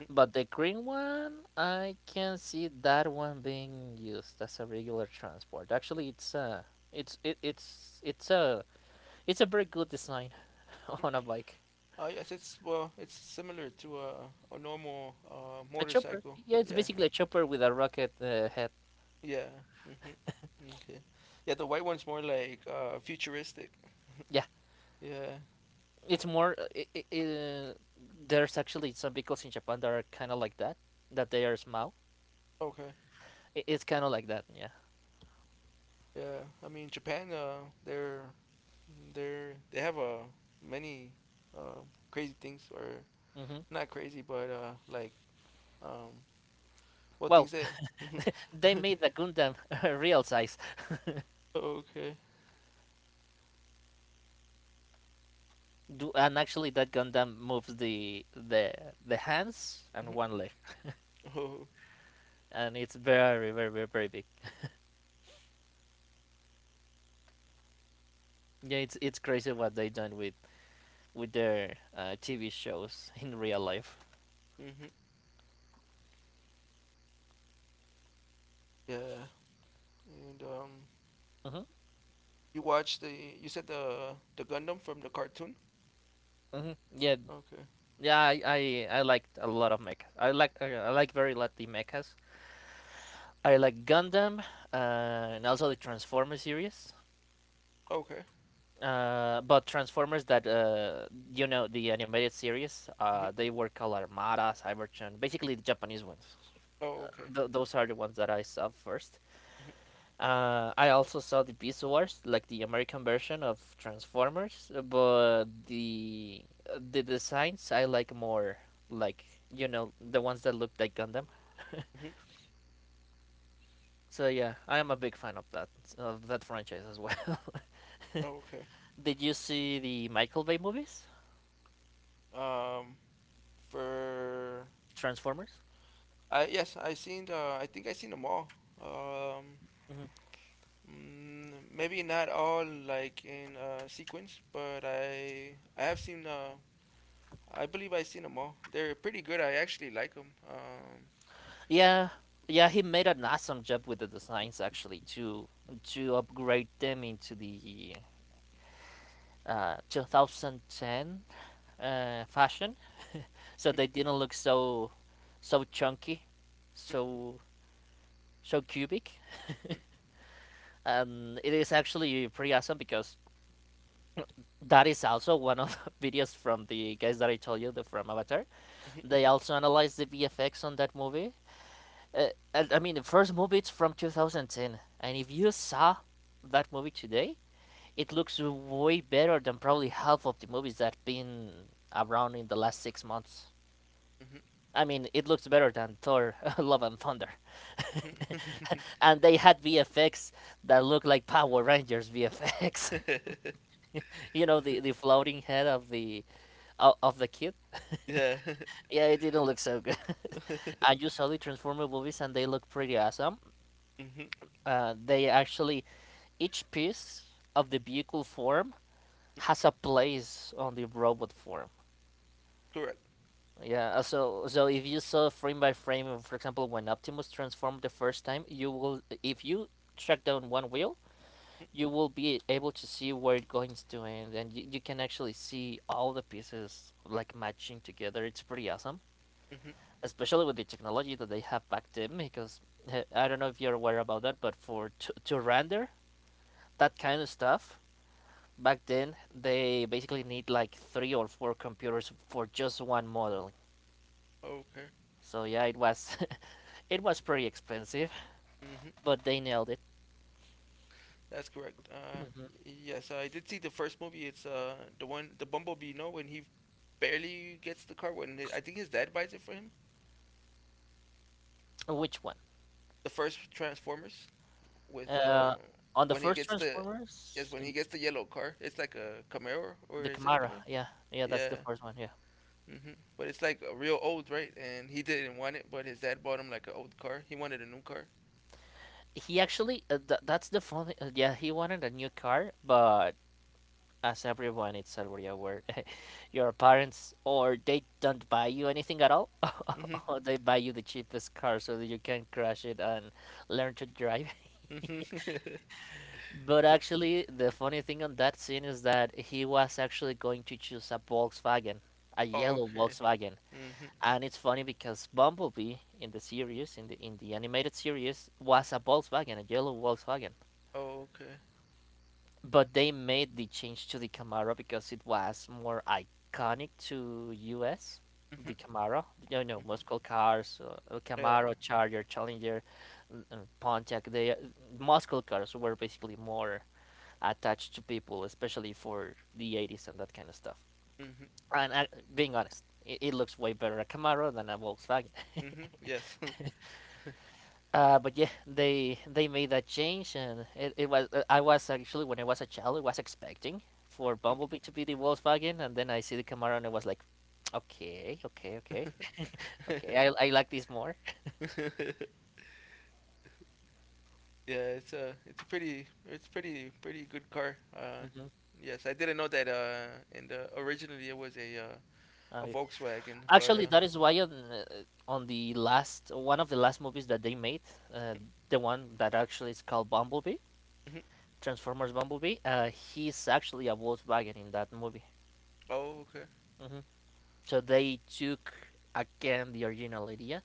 S1: Mhm.
S2: But the green one, I can see that one being used as a regular transport. Actually, it's it, it's it's a it's a very good design
S1: Mhm.
S2: on a bike.
S1: Oh yes, it's similar to a normal
S2: A chopper.
S1: motorcycle.
S2: Yeah, it's
S1: Yeah,
S2: basically a chopper with a rocket head.
S1: yeah. Hmm. Okay. Yeah, the white one's more like futuristic.
S2: Yeah,
S1: Yeah.
S2: it's more. There's actually some vehicles in Japan that are kind of like that, that they are small.
S1: Okay.
S2: It's kind of like that. Yeah.
S1: Yeah. I mean, Japan. They're they have many uh crazy things, or
S2: hmm
S1: not crazy, but like, um what things
S2: Well,
S1: they.
S2: they made the Gundam real size.
S1: Okay.
S2: Do, and actually that Gundam moves the hands and
S1: Mhm.
S2: one leg,
S1: Oh.
S2: and it's very very very very big. Yeah, it's crazy what they done with their TV shows in real life.
S1: Hmm. Yeah. And,
S2: Mm-hmm.
S1: you watched the you said the Gundam from the cartoon.
S2: Mm-hmm. Yeah.
S1: Okay.
S2: Yeah, I liked a lot of mech. I like very lot the mechas. I like Gundam and also the Transformers series.
S1: Okay.
S2: But Transformers that you know the animated series,
S1: Hmm.
S2: they were called Armada, Cybertron, basically the Japanese ones.
S1: Oh, okay.
S2: Those are the ones that I saw first.
S1: Hmm.
S2: I also saw the Beast Wars, like the American version of Transformers, but the designs I like more, like you know the ones that look like Gundam.
S1: Hmm.
S2: So yeah, I am a big fan of that franchise as well.
S1: Okay.
S2: Did you see the Michael Bay movies,
S1: Um, for
S2: Transformers?
S1: I, yes, I seen. I think I seen them all. Um,
S2: Hmm
S1: Maybe not all like in, sequence, but I have seen. I believe I seen them all. They're pretty good. I actually like them.
S2: Yeah, yeah, he made an awesome job with the designs actually to upgrade them into the 2010 fashion, so they didn't look so so chunky, so so cubic. And it is actually pretty awesome because that is also one of the videos from the guys that I told you the from Avatar. They also analyzed the VFX on that movie. Uh, I mean, the first movie is from 2010, and if you saw that movie today, it looks way better than probably half of the movies that been around in the last 6 months. I mean, it looks better than Thor: Love and Thunder, and they had VFX that look like Power Rangers VFX. The floating head of the kid.
S1: Yeah.
S2: Yeah, it didn't look so good. And you saw the Transformer movies, and they look pretty awesome.
S1: Mhm.
S2: Uh, they actually, each piece of the vehicle form has a place on the robot form.
S1: Correct.
S2: Yeah, so if you saw frame by frame, for example, when Optimus transformed the first time, you will, if you track down one wheel, you will be able to see where it goes to end, and you can actually see all the pieces like matching together. It's pretty awesome,
S1: Mhm.
S2: especially with the technology that they have back then because I don't know if you're aware about that, but for to render that kind of stuff back then they basically need like three or four computers for just one model.
S1: Okay.
S2: So yeah, it was it was pretty expensive,
S1: Mhm.
S2: but they nailed it.
S1: That's correct.
S2: Mhm.
S1: Yes, I did see the first movie. It's the Bumblebee. No, when he barely gets the car. When I think his dad buys it for him.
S2: Which one?
S1: The first Transformers with
S2: uh on the
S1: when he
S2: first
S1: gets the yes,
S2: transformers,
S1: when he gets the yellow car. It's like a Camaro, or
S2: the
S1: is it a
S2: camara,
S1: Camaro?
S2: yeah, yeah, that's the
S1: Yeah.
S2: first one, yeah.
S1: Hmm. But it's like a real old, right? And he didn't want it, but his dad bought him like an old car. He wanted a new car.
S2: he actually th- that's the funny Yeah, he wanted a new car, but as everyone is already aware, your parents or they don't buy you anything at all,
S1: Hmm.
S2: or they buy you the cheapest car so that you can crash it and learn to drive.
S1: Hmm.
S2: But actually, the funny thing on that scene is that he was actually going to choose a Volkswagen, a yellow
S1: Okay.
S2: Volkswagen.
S1: Hmm.
S2: And it's funny because Bumblebee in the series, in the animated series, was a Volkswagen, a yellow Volkswagen.
S1: Okay.
S2: But they made the change to the Camaro because it was more iconic to US.
S1: Hmm.
S2: The Camaro, most
S1: Hmm.
S2: muscle cars,
S1: Yeah.
S2: Camaro, Charger, Challenger, Pontiac. They muscle cars were basically more attached to people, especially for the 80s and that kind of stuff.
S1: Hmm.
S2: And being honest, it looks way better a Camaro than a Volkswagen.
S1: Mm-hmm. Yes.
S2: But yeah, they made that change, and it was I was actually when I was a child, I was expecting for Bumblebee to be the Volkswagen, and then I see the Camaro, and I was like, okay, okay, okay, okay, I like this more.
S1: yeah, it's a pretty it's pretty pretty good car.
S2: hmm
S1: Yes, I didn't know that. And originally it was
S2: Uh,
S1: a Volkswagen, but
S2: Actually,
S1: uh.
S2: that is why on the last one of the last movies that they made, uh, the one that actually is called Bumblebee,
S1: Hmm.
S2: Transformers Bumblebee, he's actually a Volkswagen in that movie.
S1: Oh, okay.
S2: hmm So they took again the original idea.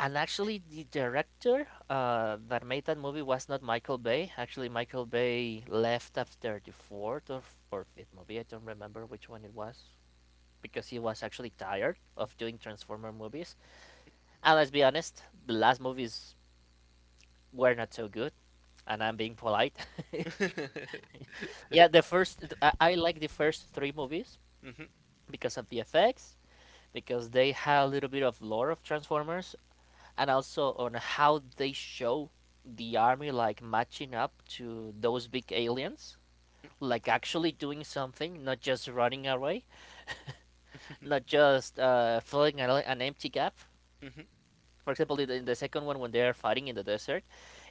S2: And actually, the director that made that movie was not Michael Bay. Actually, Michael Bay left after the fourth or fifth movie. I don't remember which one it was because he was actually tired of doing Transformer movies. And let's be honest, the last movies were not so good. And I'm being polite. Yeah, I like the first three movies
S1: Mm-hmm.
S2: because of the effects, because they had a little bit of lore of Transformers, and also on how they show the army like matching up to those big aliens, like actually doing something, not just running away, not just filling an empty gap,
S1: Mm-hmm.
S2: for example in second one when they're fighting in the desert.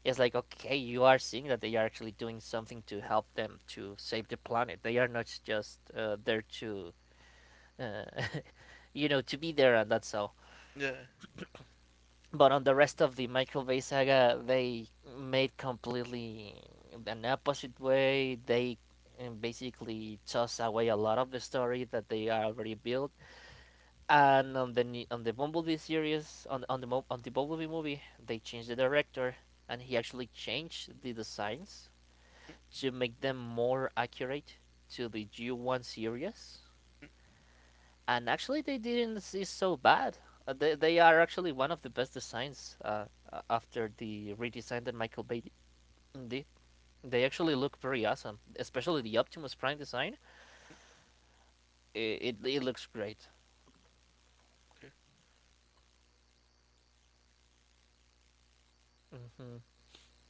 S2: It's like, okay, you are seeing that they are actually doing something to help them to save the planet, they are not just there to uh, to be there and that's all.
S1: Yeah.
S2: But on the rest of the Michael Bay saga, they made completely an opposite way. They basically toss away a lot of the story that they are already built. And on the Bumblebee series, on the Bumblebee movie, they changed the director, and he actually changed the designs
S1: Mm,
S2: to make them more accurate to the G1 series, and actually they didn't see so bad. They are actually one of the best designs, after the redesign that Michael Bay did. They actually look pretty awesome, especially the Optimus Prime design. It looks great.
S1: mm,
S2: hmm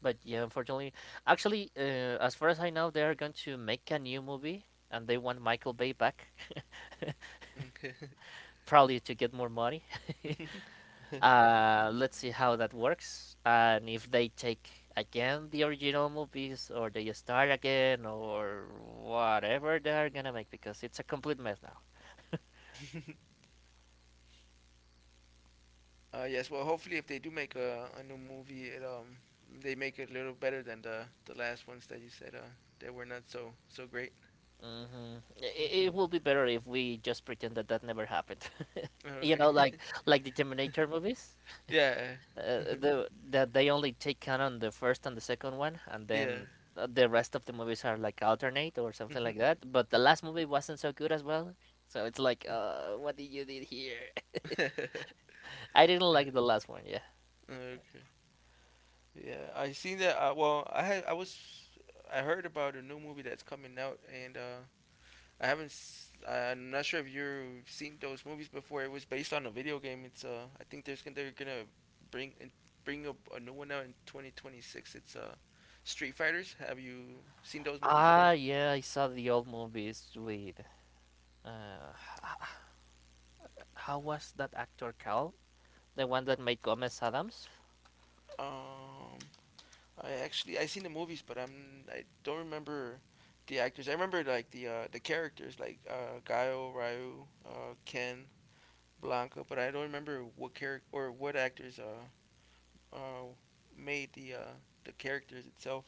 S2: But yeah, unfortunately, actually, as far as I know, they are going to make a new movie, and they want Michael Bay back,
S1: okay.
S2: probably to get more money. uh,
S1: Okay.
S2: Let's see how that works, and if they take again the original movies, or they start again, or whatever they're gonna make, because it's a complete mess now.
S1: Yes, well, hopefully, if they do make a new movie, it they make it a little better than the last ones that you said that were not so great.
S2: It,
S1: Hmm.
S2: it will be better if we just pretend that that never happened. you
S1: Okay.
S2: know, like like the Terminator movies,
S1: Yeah.
S2: the that they only take canon the first and the second one, and
S1: Yeah.
S2: then the rest of the movies are like alternate or something
S1: Hmm.
S2: like that. But the last movie wasn't so good as well, so it's like, what did you did here? I didn't like the last one. Yeah.
S1: Okay. Yeah, I seen that. Well, I had I was I heard about a new movie that's coming out, and I haven't. S- I'm not sure if you've seen those movies before. It was based on a video game. It's I think there's gonna they're gonna bring in, bring a new one out in 2026. It's Street Fighters. Have you seen those movies?
S2: Ah, yeah. I saw the old movies with. Uh, how was that actor called? The one that made Gomez Adams.
S1: Um, I seen the movies, but I don't remember the actors. I remember like the characters like Gaio, Ryu, Ken, Blanca, but I don't remember what character or what actors uh made the characters itself.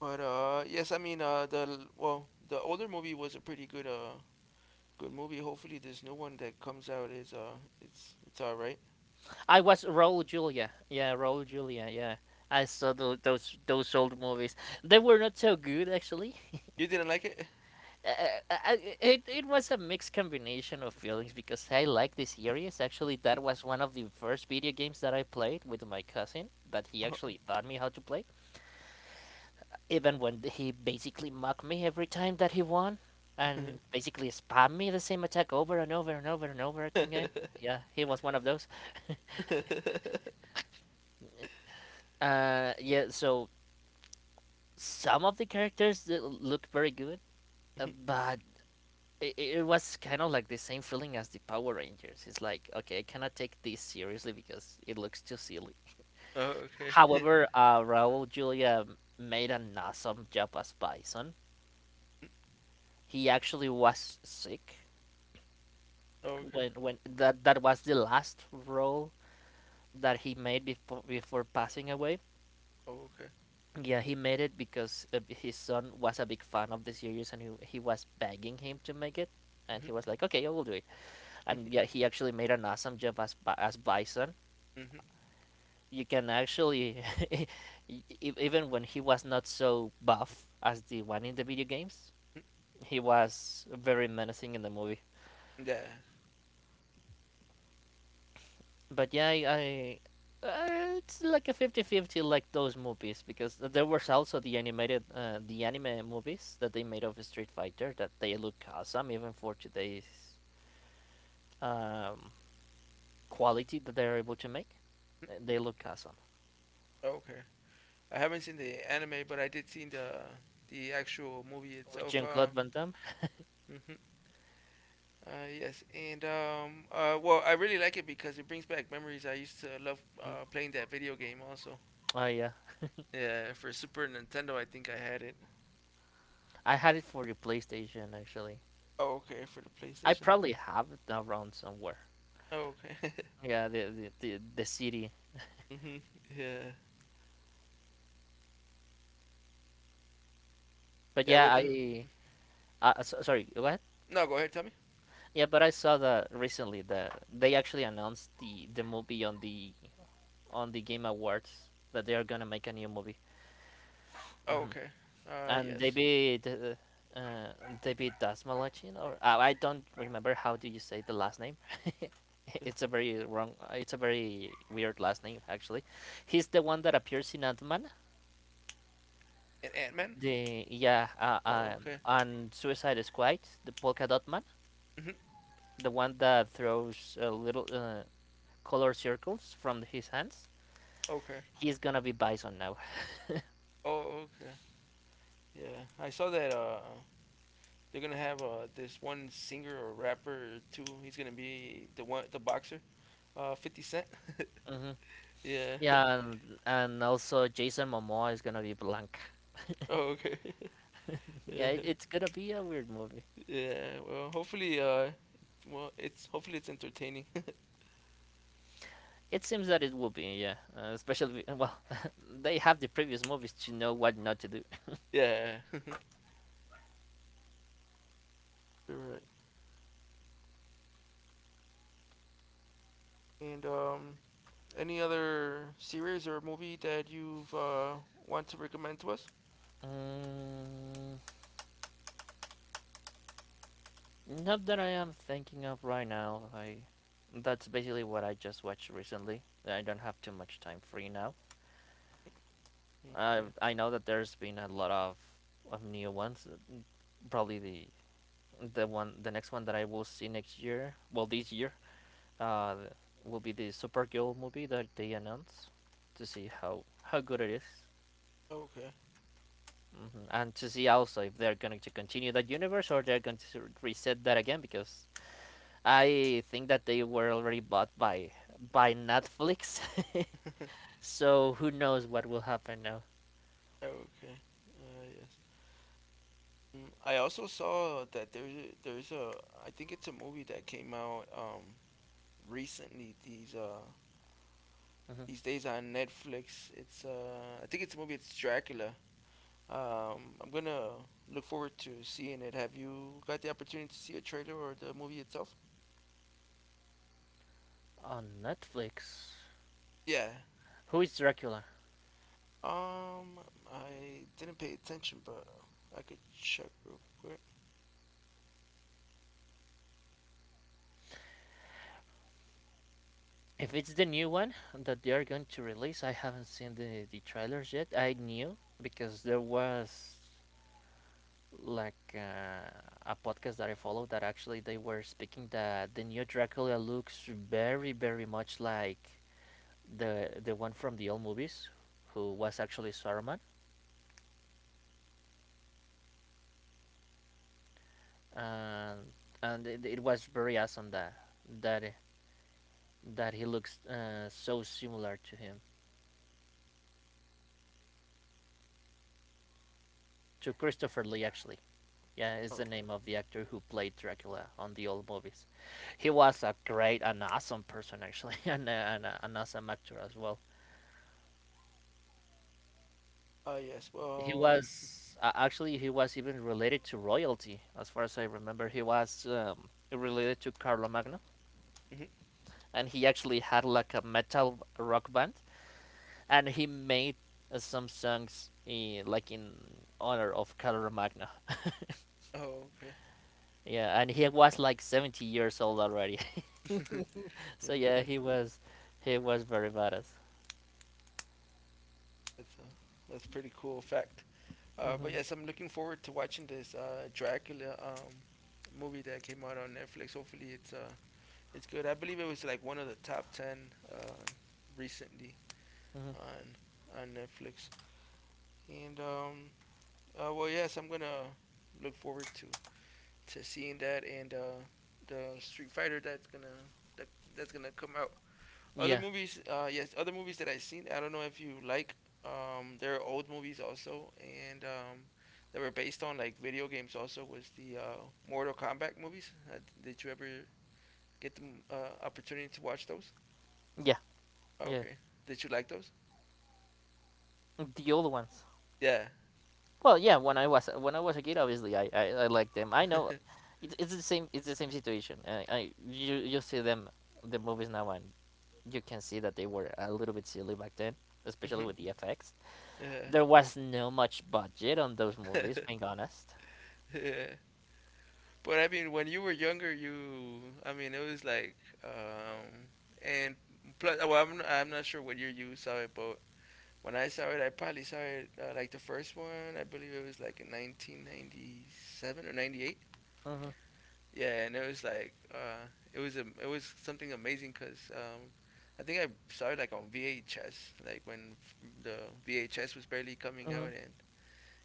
S1: But yes, I mean, the well, the older movie was a pretty good movie. Hopefully, this new one that comes out is, it's all right.
S2: I was Raul Julia. Yeah, Raul Julia. Yeah. I saw those old movies. They were not so good, actually.
S1: You didn't like it?
S2: I, it was a mixed combination of feelings because I like the series. Actually,
S1: Mm,
S2: that was one of the first video games that I played with my cousin that he
S1: uh-huh.
S2: actually taught me how to play. Even when he basically mocked me every time that he won and basically spam me the same attack over and over and over and over again. Yeah, he was one of those. Yeah, so some of the characters that look very good, but it was kind of like the same feeling as the Power Rangers. It's like, okay, I cannot take this seriously because it looks too silly.
S1: Oh, okay.
S2: However, Raul Julia made an awesome job as Bison. He actually was sick
S1: Oh,
S2: when that was the last role that he made before passing away.
S1: okay. Oh, okay.
S2: Yeah, he made it because his son was a big fan of the series, and he was begging him to make it, and he was like, "Okay, I will do it."
S1: Mhm,
S2: And
S1: mhm,
S2: yeah, he actually made an awesome job as as Bison.
S1: mhm,
S2: You can actually, e- even when he was not so buff as the one in the video games,
S1: mhm,
S2: he was very menacing in the movie.
S1: yeah.
S2: But yeah, I uh, it's like a fifty fifty like those movies because there was also the animated the anime movies that they made of Street Fighter that they look awesome even for today's um, quality that they're able to make.
S1: Mm,
S2: They look awesome.
S1: okay. I haven't seen the anime, but I did see the actual movie
S2: With
S1: itself.
S2: Jean-Claude Van Damme.
S1: Mhm. Yes, and, well, I really like it because it brings back memories. I used to love,
S2: Mhm.
S1: playing that video game also.
S2: Oh yeah.
S1: Yeah, for Super Nintendo, I think I had it.
S2: I had it for the PlayStation actually.
S1: Oh, okay, for the
S2: I
S1: PlayStation.
S2: probably have it around somewhere.
S1: Oh, okay.
S2: Yeah, the CD.
S1: Mhm. Yeah.
S2: But
S1: Yeah.
S2: yeah,
S1: What the?
S2: sorry, what?
S1: No, go ahead. Tell me.
S2: Yeah, but I saw that recently that they actually announced the movie on the Game Awards that they are gonna make a new movie.
S1: Oh,
S2: hmm
S1: okay.
S2: And
S1: Yes.
S2: David David Dasmalachin or I don't remember how do you say the last name. It's a very wrong. It's a very weird last name, actually. He's the one that appears in Ant Man.
S1: And Ant Man.
S2: The yeah,
S1: Oh, okay.
S2: on Suicide Squad, the polka dot man,
S1: Mhm.
S2: the one that throws little color circles from his hands.
S1: Okay.
S2: He's gonna be Bison now.
S1: Oh, okay. Yeah, I saw that. They're gonna have this one singer or rapper or two. He's gonna be the one, the boxer. Fifty Cent.
S2: hmm
S1: Yeah.
S2: Yeah, and also Jason Momoa is gonna be Blanc.
S1: Oh, okay. yeah.
S2: Yeah, it's gonna be a weird movie.
S1: Yeah. Well, hopefully, well, it's hopefully it's entertaining.
S2: It seems that it will be, yeah. Especially, well, they have the previous movies to know what not to do.
S1: Yeah. You're right. And, any other series or movie that you've want to recommend to us?
S2: Mm, Not that I am thinking of right now. That's basically what I just watched recently. I don't have too much time free now. I
S1: Okay.
S2: I know that there's been a lot of new ones. Probably the next one that I will see next year, well this year, uh, will be the Supergirl movie that they announced, to see how good it is.
S1: Okay.
S2: Mm-hmm. And to see also if they're going to continue that universe or they're going to reset that again because I think that they were already bought by Netflix. So who knows what will happen now.
S1: Okay. Yes. I also saw that there's a I think it's a movie that came out, recently,
S2: Mhm.
S1: these days, on Netflix. It's I think it's a movie. It's Dracula. I'm gonna look forward to seeing it. Have you got the opportunity to see a trailer or the movie itself?
S2: On Netflix.
S1: Yeah.
S2: Who is Dracula?
S1: Um, I didn't pay attention, but I could check real quick.
S2: If it's the new one that they are going to release, I haven't seen the trailers yet. I knew because there was like a podcast that I followed that actually they were speaking that the new Dracula looks very very much like the one from the old movies, who was actually Saruman, and it was very awesome that that he looks so similar to him, to Christopher Lee actually. Yeah, is
S1: Oh,
S2: the
S1: okay.
S2: name of the actor who played Dracula on the old movies. He was a great and awesome person, actually, and an awesome actor as well.
S1: Yes.
S2: He
S1: Well,
S2: was Actually, he was even related to royalty, as far as I remember. He was related to Carlomagno,
S1: um,
S2: and he actually had like a metal rock band, and he made some songs like in honor of Carlomagno.
S1: oh, okay.
S2: Yeah, and he was like 70 years old already. So yeah,
S1: okay.
S2: he was very badass.
S1: That's uh, that's pretty cool fact. But
S2: Hmm.
S1: yes, I'm looking forward to watching this Dracula movie that came out on Netflix. Hopefully, it's good. I believe it was like one of the top ten recently,
S2: Hmm.
S1: on Netflix. And, well, yes, I'm gonna look forward to seeing that and, the Street Fighter that's gonna that, that's gonna come out.
S2: Yeah,
S1: Other movies that I've seen. I don't know if you like. There are old movies also, and, that were based on like video games. Also, was the, Mortal Kombat movies. Did you ever get the, opportunity to watch those?
S2: yeah, yeah.
S1: Okay. Did you like those?
S2: The old ones.
S1: Yeah.
S2: Well, yeah. When I was a kid, obviously I liked them. I know, it's the same situation. I you you see them the movies now and you can see that they were a little bit silly back then, especially
S1: Mhm.
S2: with the effects.
S1: Yeah.
S2: There was no much budget on those movies, being honest.
S1: Yeah. But I mean, when you were younger, you, I mean, it was like, um, and plus, well, I'm not sure what year you saw it, but when I saw it, I probably saw it, like the first one. I believe it was like in 1997 or 98.
S2: Hmm
S1: Yeah, and it was like, it was something amazing because, I think I saw it like on VHS, like the VHS was barely coming
S2: hmm
S1: out, and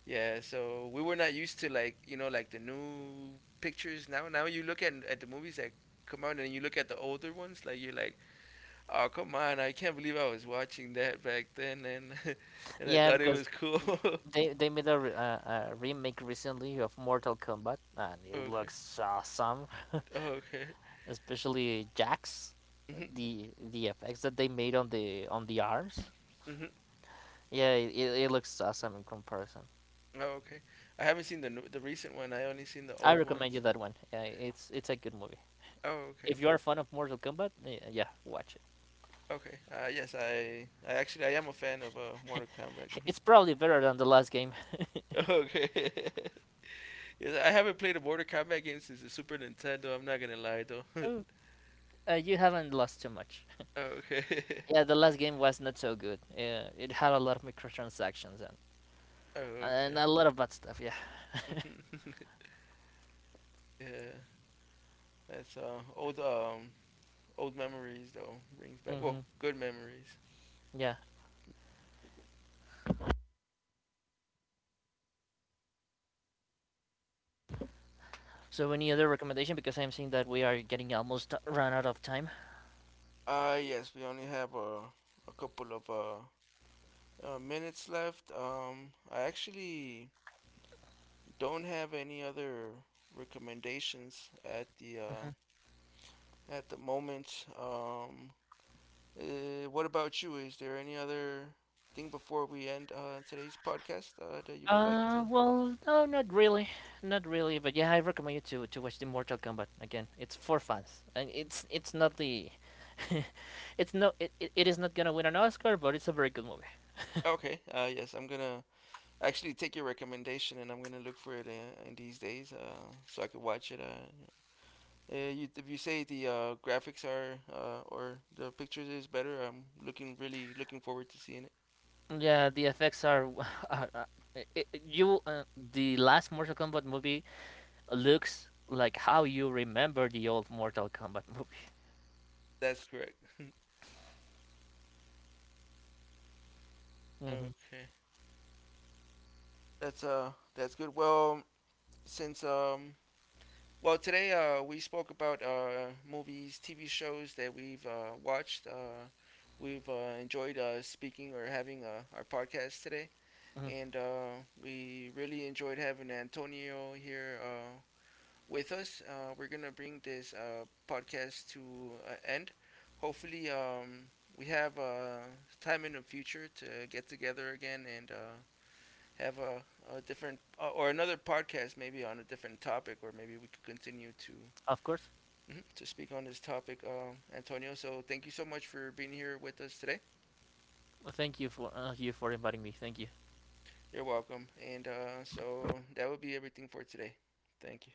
S1: yeah, so we were not used to, like, like the new pictures now. Now you look at the movies that come out and you look at the older ones, like you're like, oh come on, I can't believe I was watching that back then, and and I
S2: Yeah,
S1: thought it
S2: because
S1: was cool.
S2: they made a remake recently of Mortal Kombat, and it
S1: Okay,
S2: looks awesome.
S1: oh, okay,
S2: Especially Jax,
S1: mhm,
S2: the effects that they made on the arms.
S1: mhm,
S2: Yeah, it looks awesome in comparison.
S1: oh, okay. I haven't seen the recent one. I only seen the
S2: I
S1: old
S2: recommend
S1: ones.
S2: you that one. Yeah, it's a good movie.
S1: Oh, okay,
S2: If you are a fan of Mortal Kombat, yeah, yeah, watch it.
S1: okay. Yes, I am a fan of Mortal Kombat.
S2: It's probably better than the last game.
S1: Okay. Yeah, I haven't played a Mortal Kombat game since the Super Nintendo. I'm not gonna lie though. Oh,
S2: Oh, you haven't lost too much.
S1: okay.
S2: Yeah, the last game was not so good. Yeah, it had a lot of microtransactions and
S1: Oh, okay.
S2: a lot of bad stuff. Yeah.
S1: Yeah, that's old, old memories though brings back.
S2: Hmm.
S1: Well, good memories.
S2: Yeah. So any
S1: Okay.
S2: other recommendation? Because I'm seeing that we are getting almost run out of time.
S1: Yes, we only have a couple of, minutes left. I actually don't have any other recommendations
S2: hmm
S1: at the moment. What about you? Is there any other thing before we end, today's podcast, that you would like to?
S2: Well, no, not really, not really. But yeah, I recommend you to watch the Mortal Kombat again. It's for fans, and it's not it's no, it is not gonna win an Oscar, but it's a very good movie.
S1: Okay. Yes, I'm gonna actually take your recommendation, and I'm gonna look for it, in these days, so I could watch it. You, if you say the, graphics are, or the pictures is better, I'm looking really looking forward to seeing it.
S2: Yeah, the effects are, w- are I you the last Mortal Kombat movie looks like how you remember the old Mortal Kombat movie.
S1: That's correct.
S2: hmm
S1: Okay. That's good. Well, since well, today, we spoke about, movies, TV shows that we've, watched. We've, enjoyed, speaking or having, our podcast today,
S2: hmm
S1: and, we really enjoyed having Antonio here, with us. We're gonna bring this, podcast to, end. Hopefully, we have, time in the future to get together again, and, have a different, or another podcast, maybe on a different topic, or maybe we could continue to,
S2: Of course.
S1: mm-hmm, to speak on this topic, Antonio. So thank you so much for being here with us today.
S2: Well, thank you for inviting me. Thank you.
S1: You're welcome. And, so that would be everything for today. Thank you.